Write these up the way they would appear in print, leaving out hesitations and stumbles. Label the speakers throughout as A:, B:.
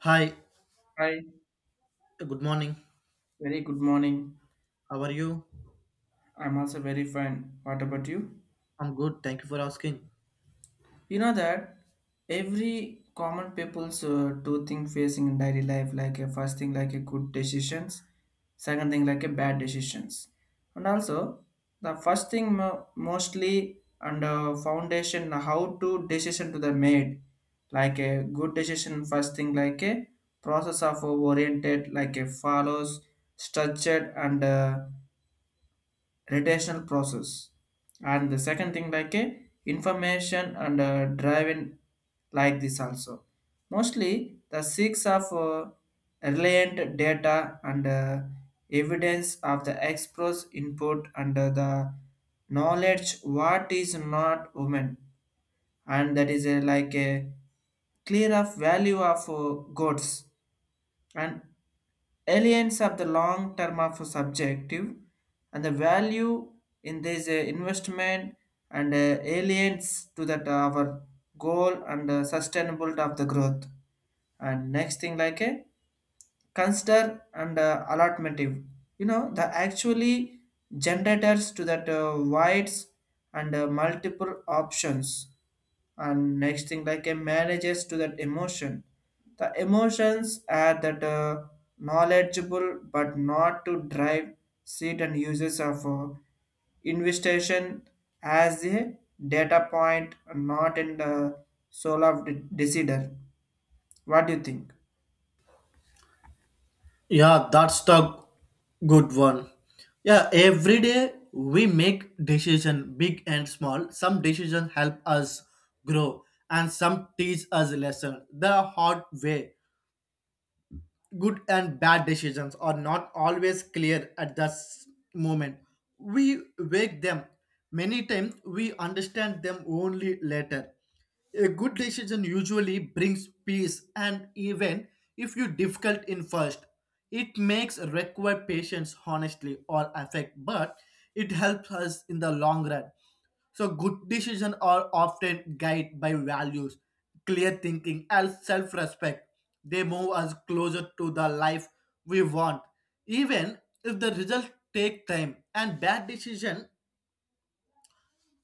A: Hi,
B: Hi,
A: good morning.
B: very good morning.
A: How are you?
B: I'm also very fine. What about you?
A: I'm good. Thank you for asking.
B: You know that every common people's two thing facing in daily life, like a first thing like a good decisions, second thing like a bad decisions, and also the first thing mostly and foundation how to decision to the made, like a good decision first thing like a process of oriented like a follows structured and retention process and the second thing like a information and driving like this also mostly the six of reliant data and evidence of the express input and the knowledge what is not human and that is a, like a clear of value of goods and Aliens of the long term of subjective and the value in this investment and aliens to that our goal and sustainable of the growth and next thing like a consider and allotmentive you know the actually generators to that wides and multiple options and next thing like a manages to that emotion the emotions are that knowledgeable but not to drive seat and uses of investigation as a data point not in the soul of the decider. What do you think?
A: Yeah, that's the good one. Yeah, every day we make decision big and small. Some decision help us grow, and some teach us lesson the hard way. Good and bad decisions are not always clear at the moment. We wake them. Many times we understand them only later. A good decision usually brings peace, and even if you difficult in first, it makes require patience, honestly, or affect, but it helps us in the long run. So good decisions are often guided by values, clear thinking, and self-respect. They move us closer to the life we want, even if the results take time. And bad decision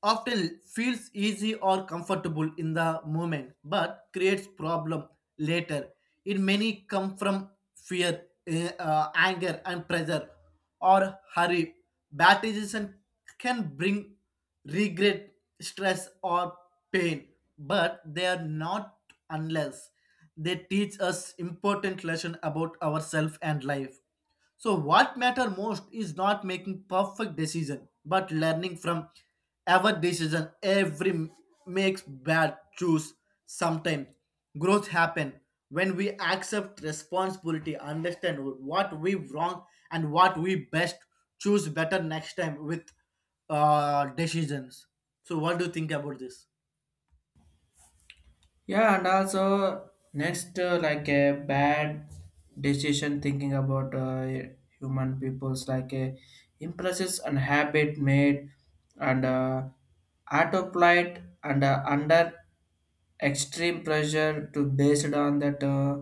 A: often feels easy or comfortable in the moment but creates problem later. It many come from fear anger and pressure or hurry. Bad decision can bring regret, stress, or pain, but they are not unless they teach us important lesson about ourselves and life. So what matter most is not making perfect decision, but learning from every decision. Makes bad choose sometimes. Growth happen when we accept responsibility, understand what we wrong and what we best, choose better next time with decisions. So what do you think about this?
B: Yeah, and also next, like a bad decision thinking about human peoples, like a impulses and habit made and autopilot and under extreme pressure to based on that uh,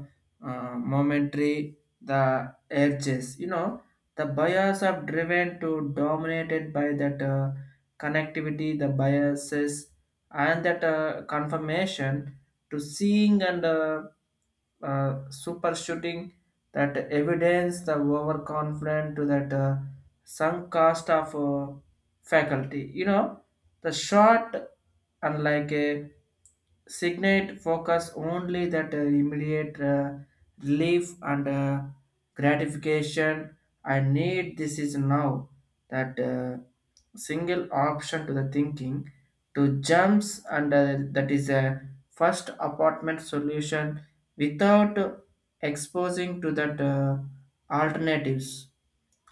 B: uh, momentary the edges. You know, the bias are driven to dominated by that connectivity, the biases, and that confirmation to seeing and super shooting that evidence the overconfident to that sunk cost of faculty, you know, the short unlike a signate focus only that immediate relief and gratification. I need this is now that single option to the thinking to jumps and that is a first apartment solution without exposing to that alternatives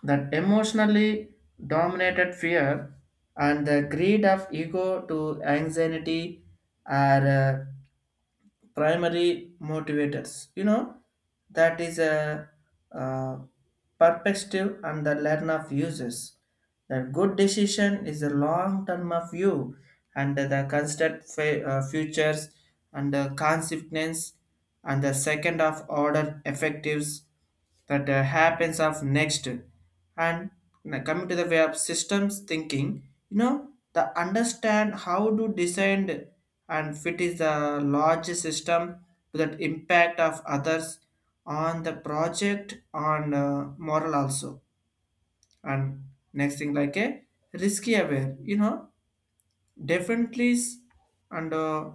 B: that emotionally dominated fear and the greed of ego to anxiety are primary motivators, you know, that is a, uh perspective and the learn of uses the good decision is a long term of view and the constant futures and the consequence and the second of order effectives that happens of next. And now coming to the way of systems thinking, you know, the understand how to design and fit is the large system to that impact of others on the project on moral also. And next thing like a risky aware, you know, definitely and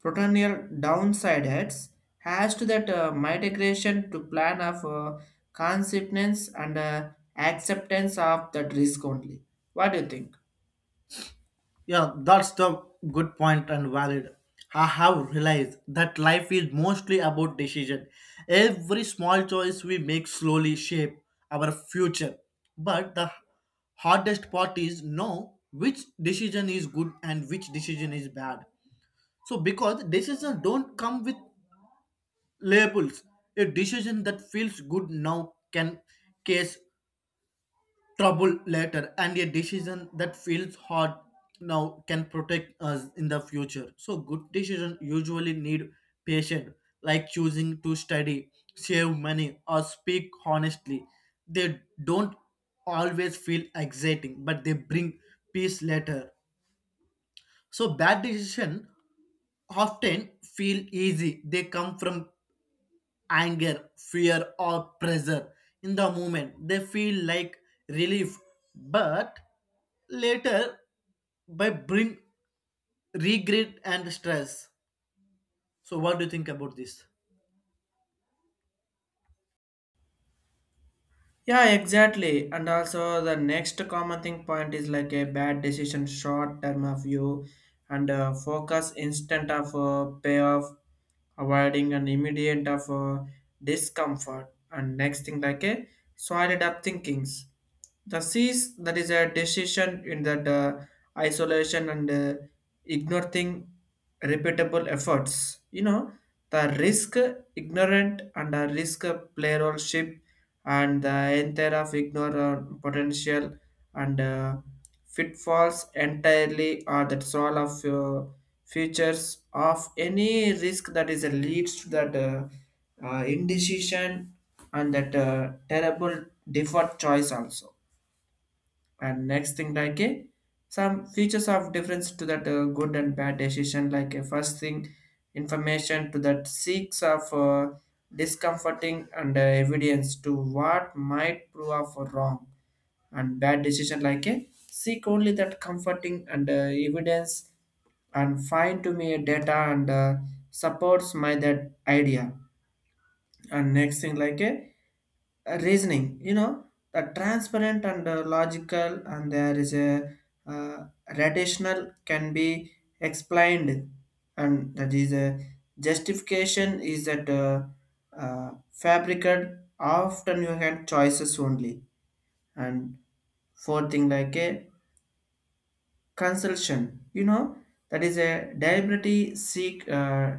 B: potential downside heads has to that mitigation to plan of consequence and acceptance of that risk only. What do you think?
A: Yeah, that's the good point and valid. I have realized that life is mostly about decision. Every small choice we make slowly shape our future. But the hardest part is know which decision is good and which decision is bad. So because decisions don't come with labels, a decision that feels good now can case trouble later, and a decision that feels hard now can protect us in the future. So good decisions usually need patience, like choosing to study, save money, or speak honestly. They don't always feel exciting, but they bring peace later. So bad decisions often feel easy. They come from anger, fear, or pressure. In the moment, they feel like relief, but later by bring regret and stress. So, what do you think about this?
B: Yeah, exactly. And also, the next common thing point is like a bad decision, short term of view, and focus instant of payoff, avoiding an immediate of discomfort. And next thing like a solid up thinkings. The C's that is a decision in that isolation and ignore thing repeatable efforts. You know the risk ignorant and a risk player and the entire of ignore potential and pitfalls entirely or that's all of features of any risk that is leads to that indecision and that terrible default choice also. And next thing like a some features of difference to that good and bad decision like a first thing information to that seeks of discomforting and evidence to what might prove of wrong, and bad decision like a seek only that comforting and evidence and find to me a data and supports my that idea. And next thing like a reasoning, you know, the transparent and logical and there is a uh, rational can be explained and that is a justification is that fabricated often you had choices only. And fourth thing like a consultation. You know, that is a diversity seek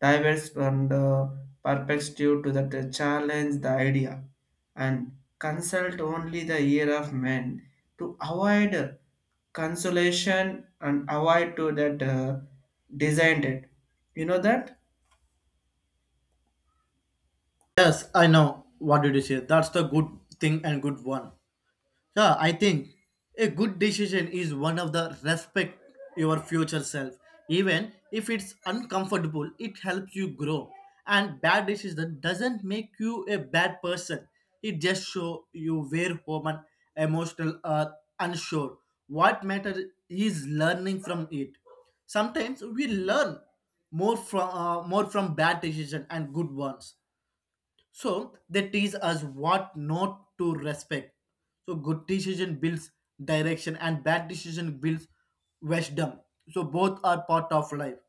B: diverse from the perspective to that challenge the idea and consult only the ear of men to avoid consolation and avoid to that designed it. You know that?
A: Yes, I know. What did you say? That's the good thing and good one. Yeah, I think a good decision is one of the respect your future self. Even if it's uncomfortable, it helps you grow. And bad decision doesn't make you a bad person. It just show you where human, emotional, or unsure. What matters is learning from it. Sometimes we learn more from bad decision and good ones. So they teach us what not to respect. So good decision builds direction, and bad decision builds wisdom. So both are part of life.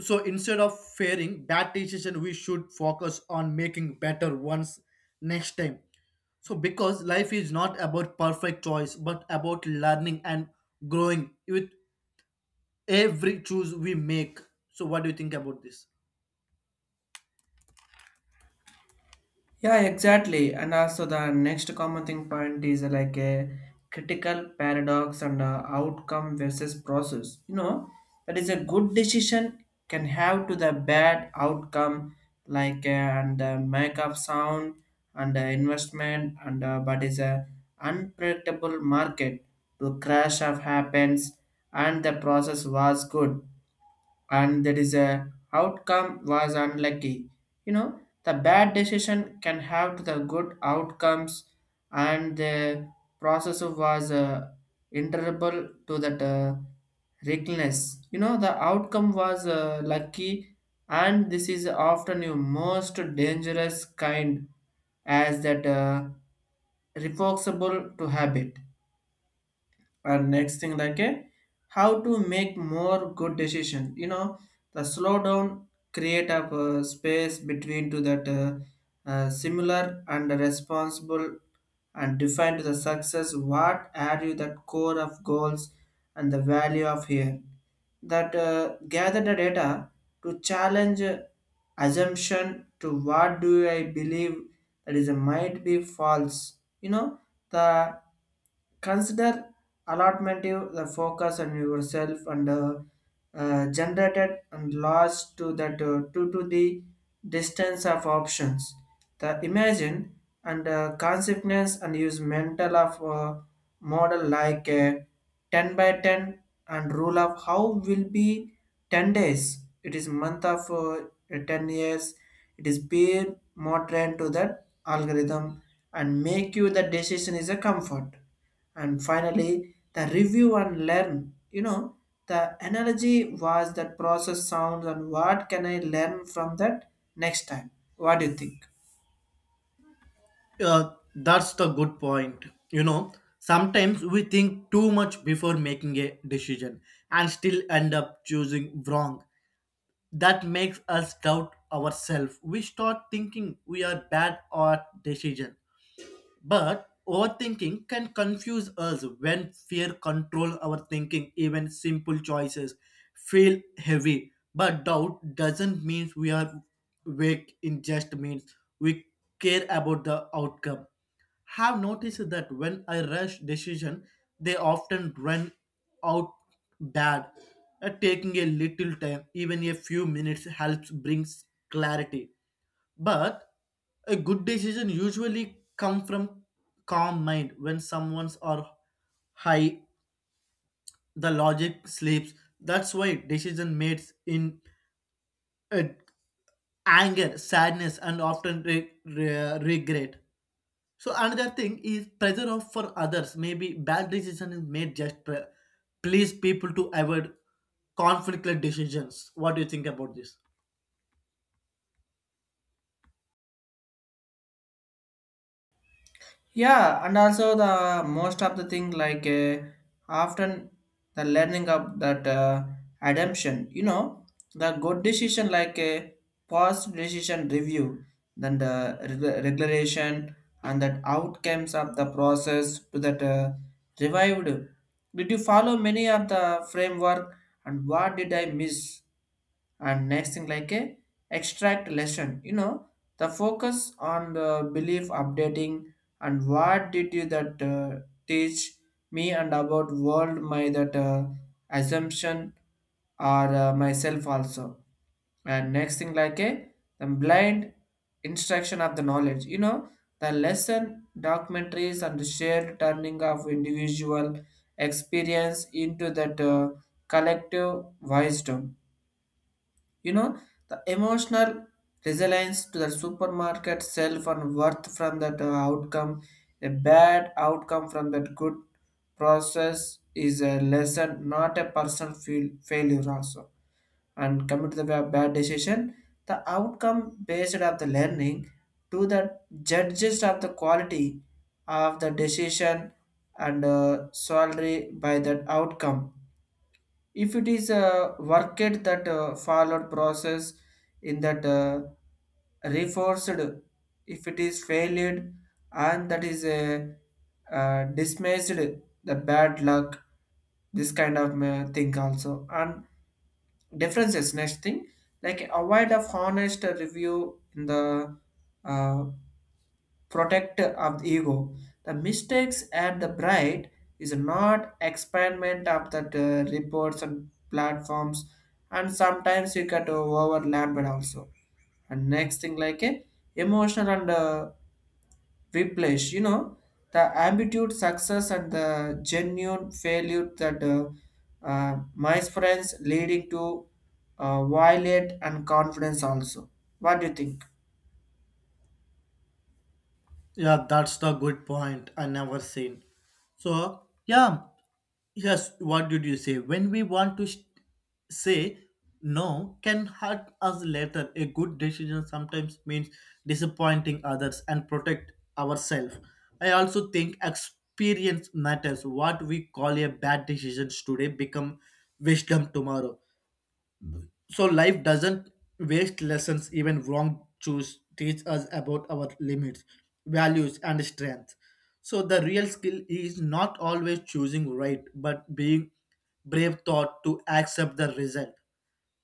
A: So instead of fearing bad decision, we should focus on making better ones next time. So because life is not about perfect choice, but about learning and growing with every choice we make. So what do you think about this?
B: Yeah, exactly. And also the next common thing point is like a critical paradox and outcome versus process. You know, that is a good decision can have to the bad outcome like and make up sound and investment and but is a unpredictable market to crash of happens and the process was good and there is a outcome was unlucky. You know the bad decision can have to the good outcomes and the process was interable to that reckless, you know, the outcome was lucky and this is often your most dangerous kind as that reversible to habit. And next thing like a how to make more good decision, you know, the slow down create up space between to that similar and responsible and define to the success what are you that core of goals and the value of here that gather the data to challenge assumption to what do I believe that is might be false, you know, the Consider allotmentive the focus on yourself and generated and lost to that due to the distance of options. The imagine and consequence and use mental of model like a 10 by 10 and rule of how will be 10 days it is month of 10 years it is peer more trained to that algorithm and make you the decision is a comfort. And finally the review and learn, you know, the analogy was that process sounds and what can I learn from that next time. What do you think?
A: That's the good point. You know, sometimes we think too much before making a decision and still end up choosing wrong. That makes us doubt ourselves. We start thinking we are bad at decision, but overthinking can confuse us when fear controls our thinking. Even simple choices feel heavy. But doubt doesn't mean we are weak. It just means we care about the outcome. Have noticed that when I rush decision, they often run out bad. Taking a little time, even a few minutes, helps brings clarity. But a good decision usually come from calm mind. When someone's are high, the logic sleeps. That's why decision made in uh, anger, sadness, and often regret. So another thing is pressure of for others. Maybe bad decision is made just please people to avoid conflicted decisions. What do you think about this?
B: Yeah, and also the most of the thing like often the learning of that ademption, you know, the good decision like a past decision review then the regulation and that outcomes of the process to that revived. Did you follow many of the framework and what did I miss? And next thing like a extract lesson, you know, the focus on the belief updating and what did you that teach me and about world my that assumption or myself also. And next thing like a the blind instruction of the knowledge, you know, the lesson documentaries and the shared turning of individual experience into that collective wisdom, you know, the emotional resilience to the supermarket self and worth from that outcome, a bad outcome from that good process is a lesson, not a personal failure also. And coming to the bad decision, the outcome based of the learning to the judges of the quality of the decision and salary by that outcome if it is worked that followed process in that reforced, if it is failed and that is dismissed the bad luck this kind of thing also. And differences next thing like avoid of honest review in the uh, protect of the ego. The mistakes and the pride is not experiment of the reports and platforms, and sometimes you get overlapped also. And next thing like a emotional and whiplash, you know, the ambiguous success and the genuine failure that my friends leading to violate and confidence also. What do you think?
A: Yeah, that's the good point, I never seen. So yeah. Yes, what did you say? When we want to sh- Say no can hurt us later. A good decision sometimes means disappointing others and protect ourselves. I also think experience matters. What we call a bad decision today become wisdom tomorrow. So life doesn't waste lessons. Even wrong choose teach us about our limits, values, and strength. So the real skill is not always choosing right, but being brave thought to accept the result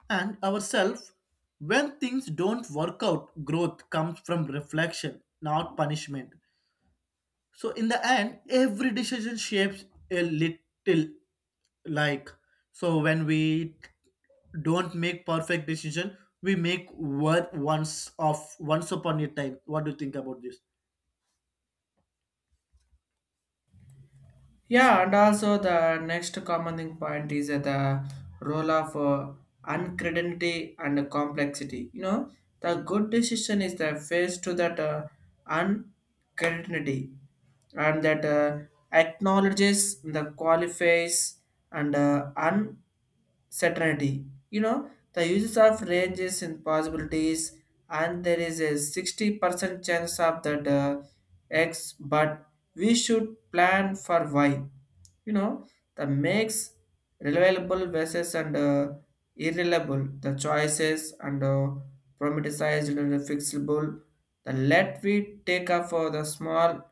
A: and ourselves. When things don't work out, growth comes from reflection, not punishment. So in the end, every decision shapes a little, like, so when we don't make perfect decision, we make one once of once upon a time. What do you think about this?
B: Yeah, and also the next common thing point is the role of uncertainty and complexity. You know, the good decision is the face to that uncertainty and that acknowledges the qualifies and certainty. You know, the uses of ranges and possibilities, and there is a 60% chance of that X, but we should plan for Y. You know, the makes reliable versus and irreliable, the choices and problematized and fixable. The let we take up for the small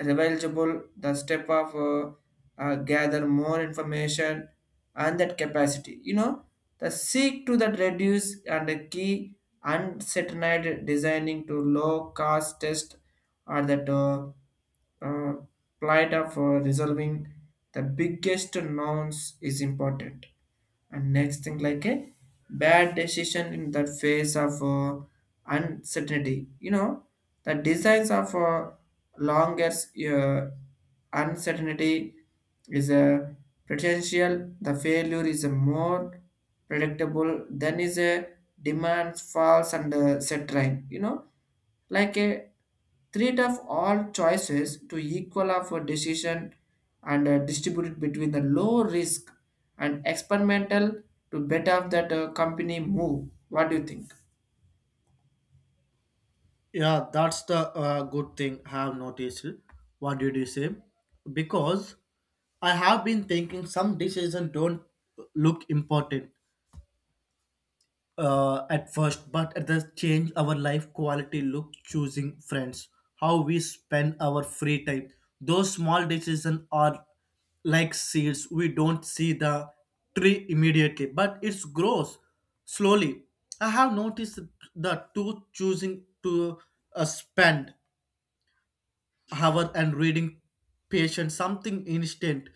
B: Revealable the step of gather more information and that capacity, you know, the seek to that reduce and the key uncertainty designing to low cost test are that uh, plight of resolving the biggest nouns is important. And next thing like a bad decision in the face of uncertainty, you know, the designs of longer uh, uncertainty is a potential the failure is a more predictable than is a demands false and set right, you know, like a treat of all choices to equal of a decision and distribute between the low risk and experimental to better that company move. What do you think?
A: Yeah, that's the good thing I have noticed. What did you say? Because I have been thinking some decisions don't look important at first, but at the change our life quality, look, choosing friends, how we spend our free time. Those small decisions are like seeds. We don't see the tree immediately, but it grows slowly. I have noticed that too. Choosing to spend hour and reading patient something instant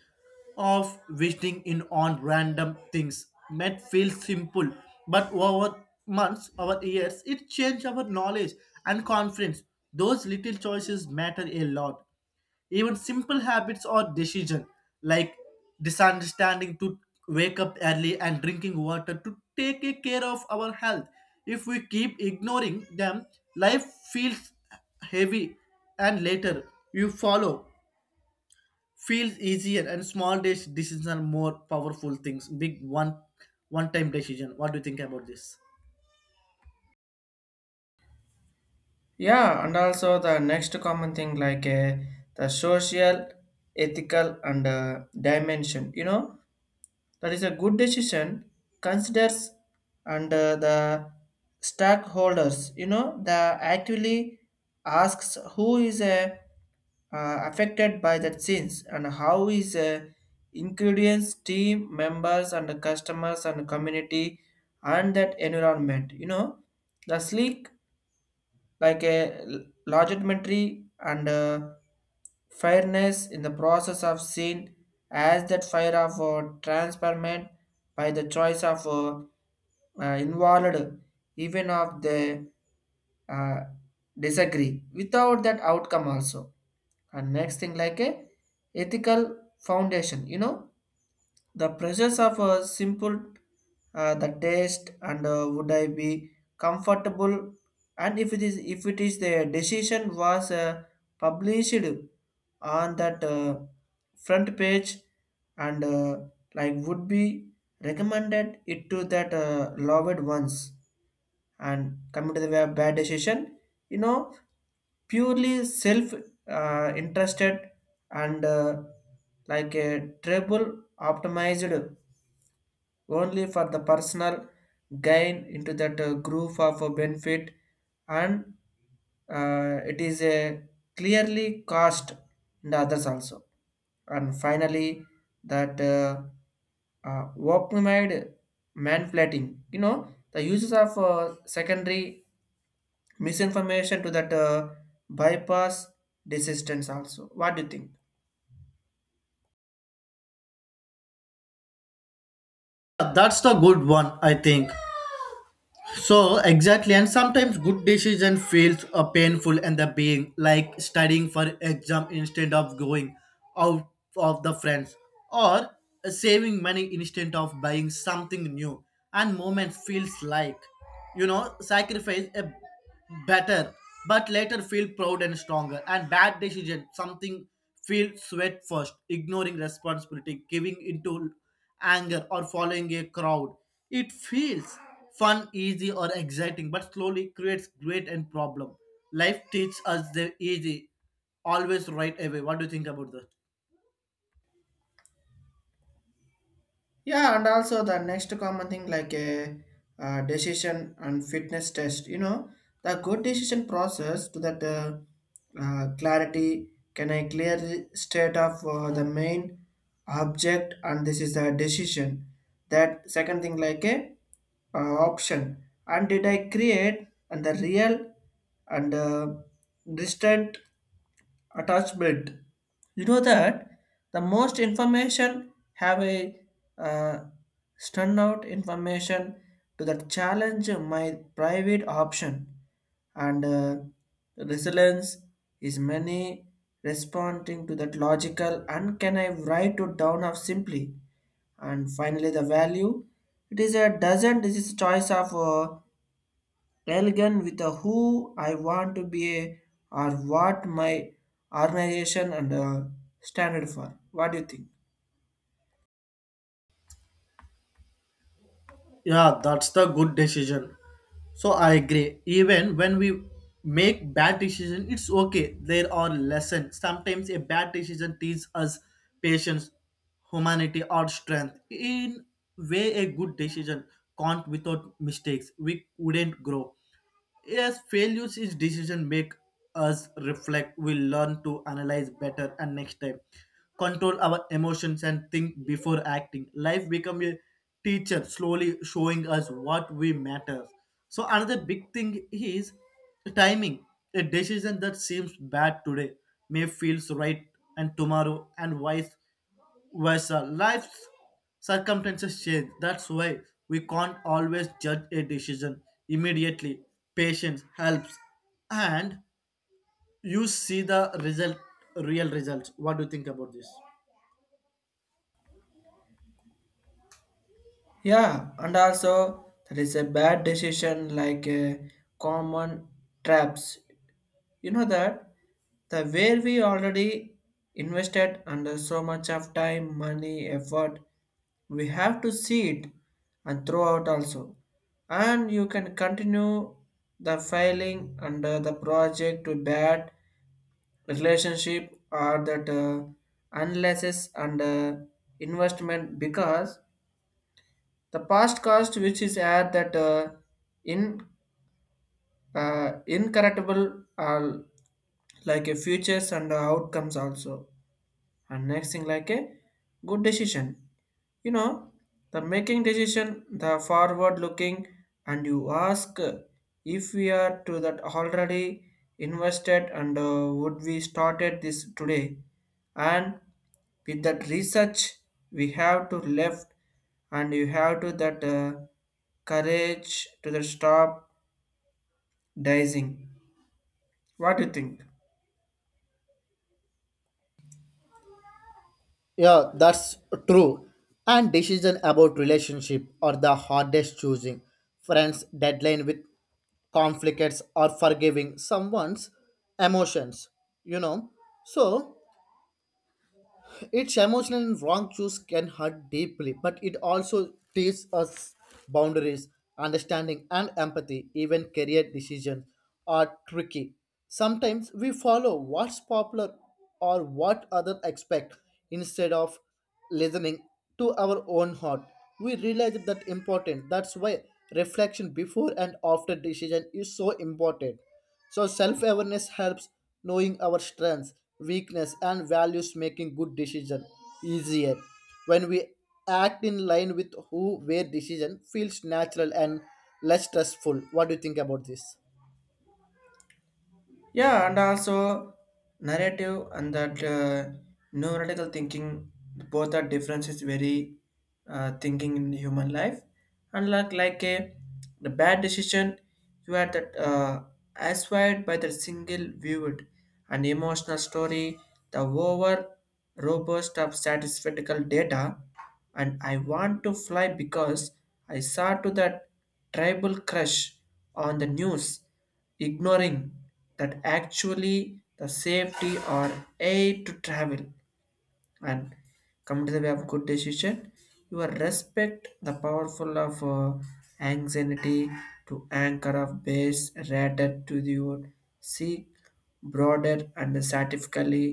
A: of visiting in on random things might feel simple, but over months, over years, it changed our knowledge and confidence. Those little choices matter a lot. Even simple habits or decision, like misunderstanding to wake up early and drinking water to take a care of our health, if we keep ignoring them, life feels heavy, and later you follow feels easier. And small days decisions are more powerful things big one, one time decision. What do you think about this?
B: Yeah, and also the next common thing like the social, ethical, and dimension. You know, that is a good decision considers and the stakeholders, you know, the actually asks who is a affected by that sins, and how is ingredients, team members, and the customers, and the community, and that environment, you know, the sleek like a legitimacy and fairness in the process of seen as that fire of transparent by the choice of involved, even of the uh, disagree without that outcome also. And next thing like a ethical foundation, you know, the process of a simple, the taste, and would I be comfortable, and if it is the decision was published on that front page, and like would be recommended it to that loved ones. And coming to the way of bad decision, you know, purely self interested, and like a treble optimized only for the personal gain into that group of benefit. And it is a clearly cost in the others also. And finally that work manipulating, you know, the uses of secondary misinformation to that bypass resistance also. What do you think?
A: Yeah, that's the good one, I think. So exactly, and sometimes good decision feels painful. And the being like studying for exam instead of going out of the friends, or saving money instead of buying something new. And moment feels like, you know, sacrifice a better, but later feel proud and stronger. And bad decision something feel sweat first, ignoring responsibility, giving into anger, or following a crowd. It feels fun, easy, or exciting, but slowly creates great and problem. Life teaches us the easy always right away. What do you think about that?
B: Yeah, and also the next common thing like a decision and fitness test. You know, the good decision process to that clarity, can I clearly state of the main object, and this is the decision. That second thing like a uh, option, and did I create, and the real and distant attachment, you know that the most information have a uh, stun out information to the challenge my private option, and resilience is many responding to that logical, and can I write it down of simply. And finally the value, it is a dozen, this is choice of Railgun with a, who I want to be a, or what my organization and standard for. What do you think?
A: Yeah, that's the good decision. So I agree. Even when we make bad decision, it's okay. There are lessons. Sometimes a bad decision teaches us patience, humanity, or strength. In way, a good decision can't without mistakes. We wouldn't grow. Yes, failures is decision make us reflect. We learn to analyze better, and next time control our emotions and think before acting. Life become a teacher, slowly showing us what we matter. So another big thing is timing. A decision that seems bad today may feels right and tomorrow and vice. Whereas life's circumstances change. That's why we can't always judge a decision immediately. Patience helps, and you see the result, real results. What do you think about this?
B: Yeah, and also that is a bad decision like common traps. You know that the where we already invested under so much of time, money, effort, we have to see it and throw out also. And you can continue the filing under the project to bad relationship, or that analysis and investment, because the past cost, which is at that in incorrectable are like a futures and outcomes also. And next thing like a good decision, you know, the making decision, the forward looking, and you ask if we are to that already invested, and would we started this today, and with that research we have to left, and you have to that courage to the stop dicing. What do you think?
A: Yeah, that's true. And decision about relationship are the hardest choosing. Friends, deadline with conflicts, or forgiving someone's emotions, you know. So its emotional, and wrong choice can hurt deeply, but it also teaches us boundaries, understanding, and empathy. Even career decisions are tricky. Sometimes we follow what's popular or what others expect instead of listening to our own heart. We realize that important. That's why reflection before and after decision is so important. So self-awareness helps. Knowing our strengths, weakness, and values making good decision easier. When we act in line with who, where decision feels natural and less stressful. What do you think about this?
B: Yeah, and also narrative and that neurological thinking, both are difference is very thinking in human life. And like a the bad decision, you are that acquired by the single viewed and emotional story, the over robust of statistical data. And I want to fly because I saw to that tribal crush on the news, ignoring that actually the safety or aid to travel. And come to the way of good decision, you will respect the powerful of anxiety to anchor of base rather to your seek broader and scientifically,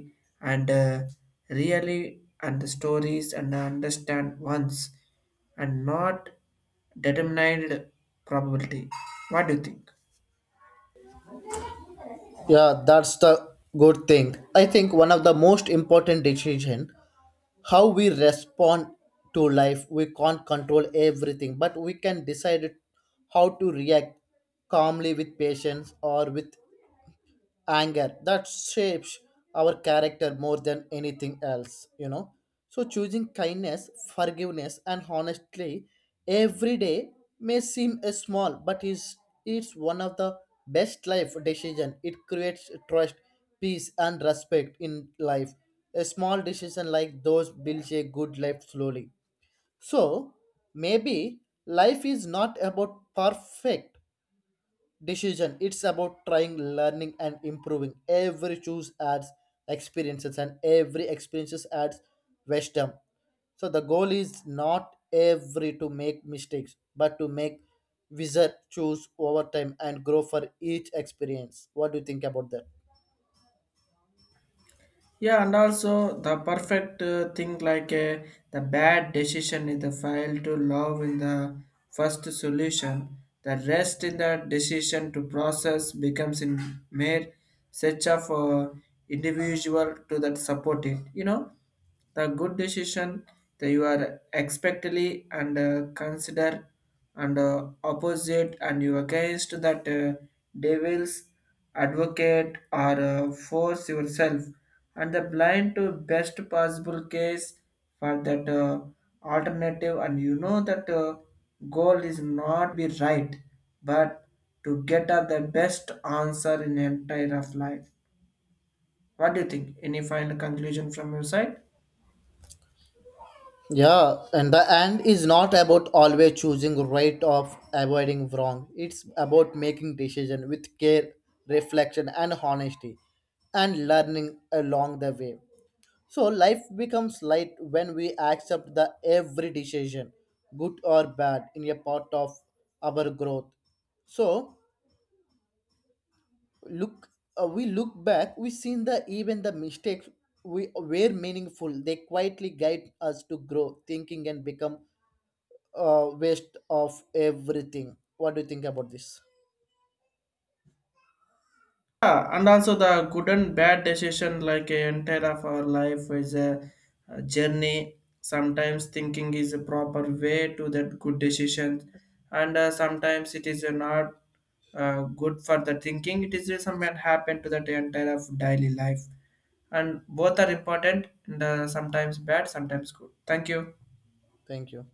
B: and really, and the stories and understand once, and not determined probability. What do you think?
A: Yeah, that's the good thing. I think one of the most important decision how we respond to life. We can't control everything, but we can decide how to react, calmly with patience or with anger. That shapes our character more than anything else, you know. So choosing kindness, forgiveness, and honestly every day may seem a small, but is it's one of the best life decision. It creates trust, peace, and respect in life. A small decision like those builds a good life slowly. So maybe life is not about perfect decision. It's about trying, learning, and improving. Every choose adds experiences, and every experiences adds wisdom. So the goal is not every to make mistakes, but to make wizard choose over time and grow for each experience. What do you think about that?
B: Yeah, and also the perfect thing like the bad decision in the file to love in the first solution. The rest in the decision to process becomes in mere such of individual to that support it. You know, the good decision that you are expectedly and consider and opposite, and you against that devils advocate or force yourself, and the blind to best possible case for that alternative. And you know that goal is not be right, but to get at the best answer in entire of life. What do you think? Any final conclusion from your side?
A: Yeah, and the end is not about always choosing right of avoiding wrong. It's about making decision with care, reflection, and honesty, and learning along the way. So life becomes light when we accept the every decision, good or bad, in a part of our growth. So look, we look back, we seen the even the mistakes we were meaningful. They quietly guide us to grow, thinking, and become waste of everything. What do you think about this?
B: Yeah, and also the good and bad decision, like a entire of our life, is a journey. Sometimes thinking is a proper way to that good decision, and sometimes it is not good for the thinking. It is something happen to that entire of daily life, and both are important. And sometimes bad, sometimes good. Thank you.
A: Thank you.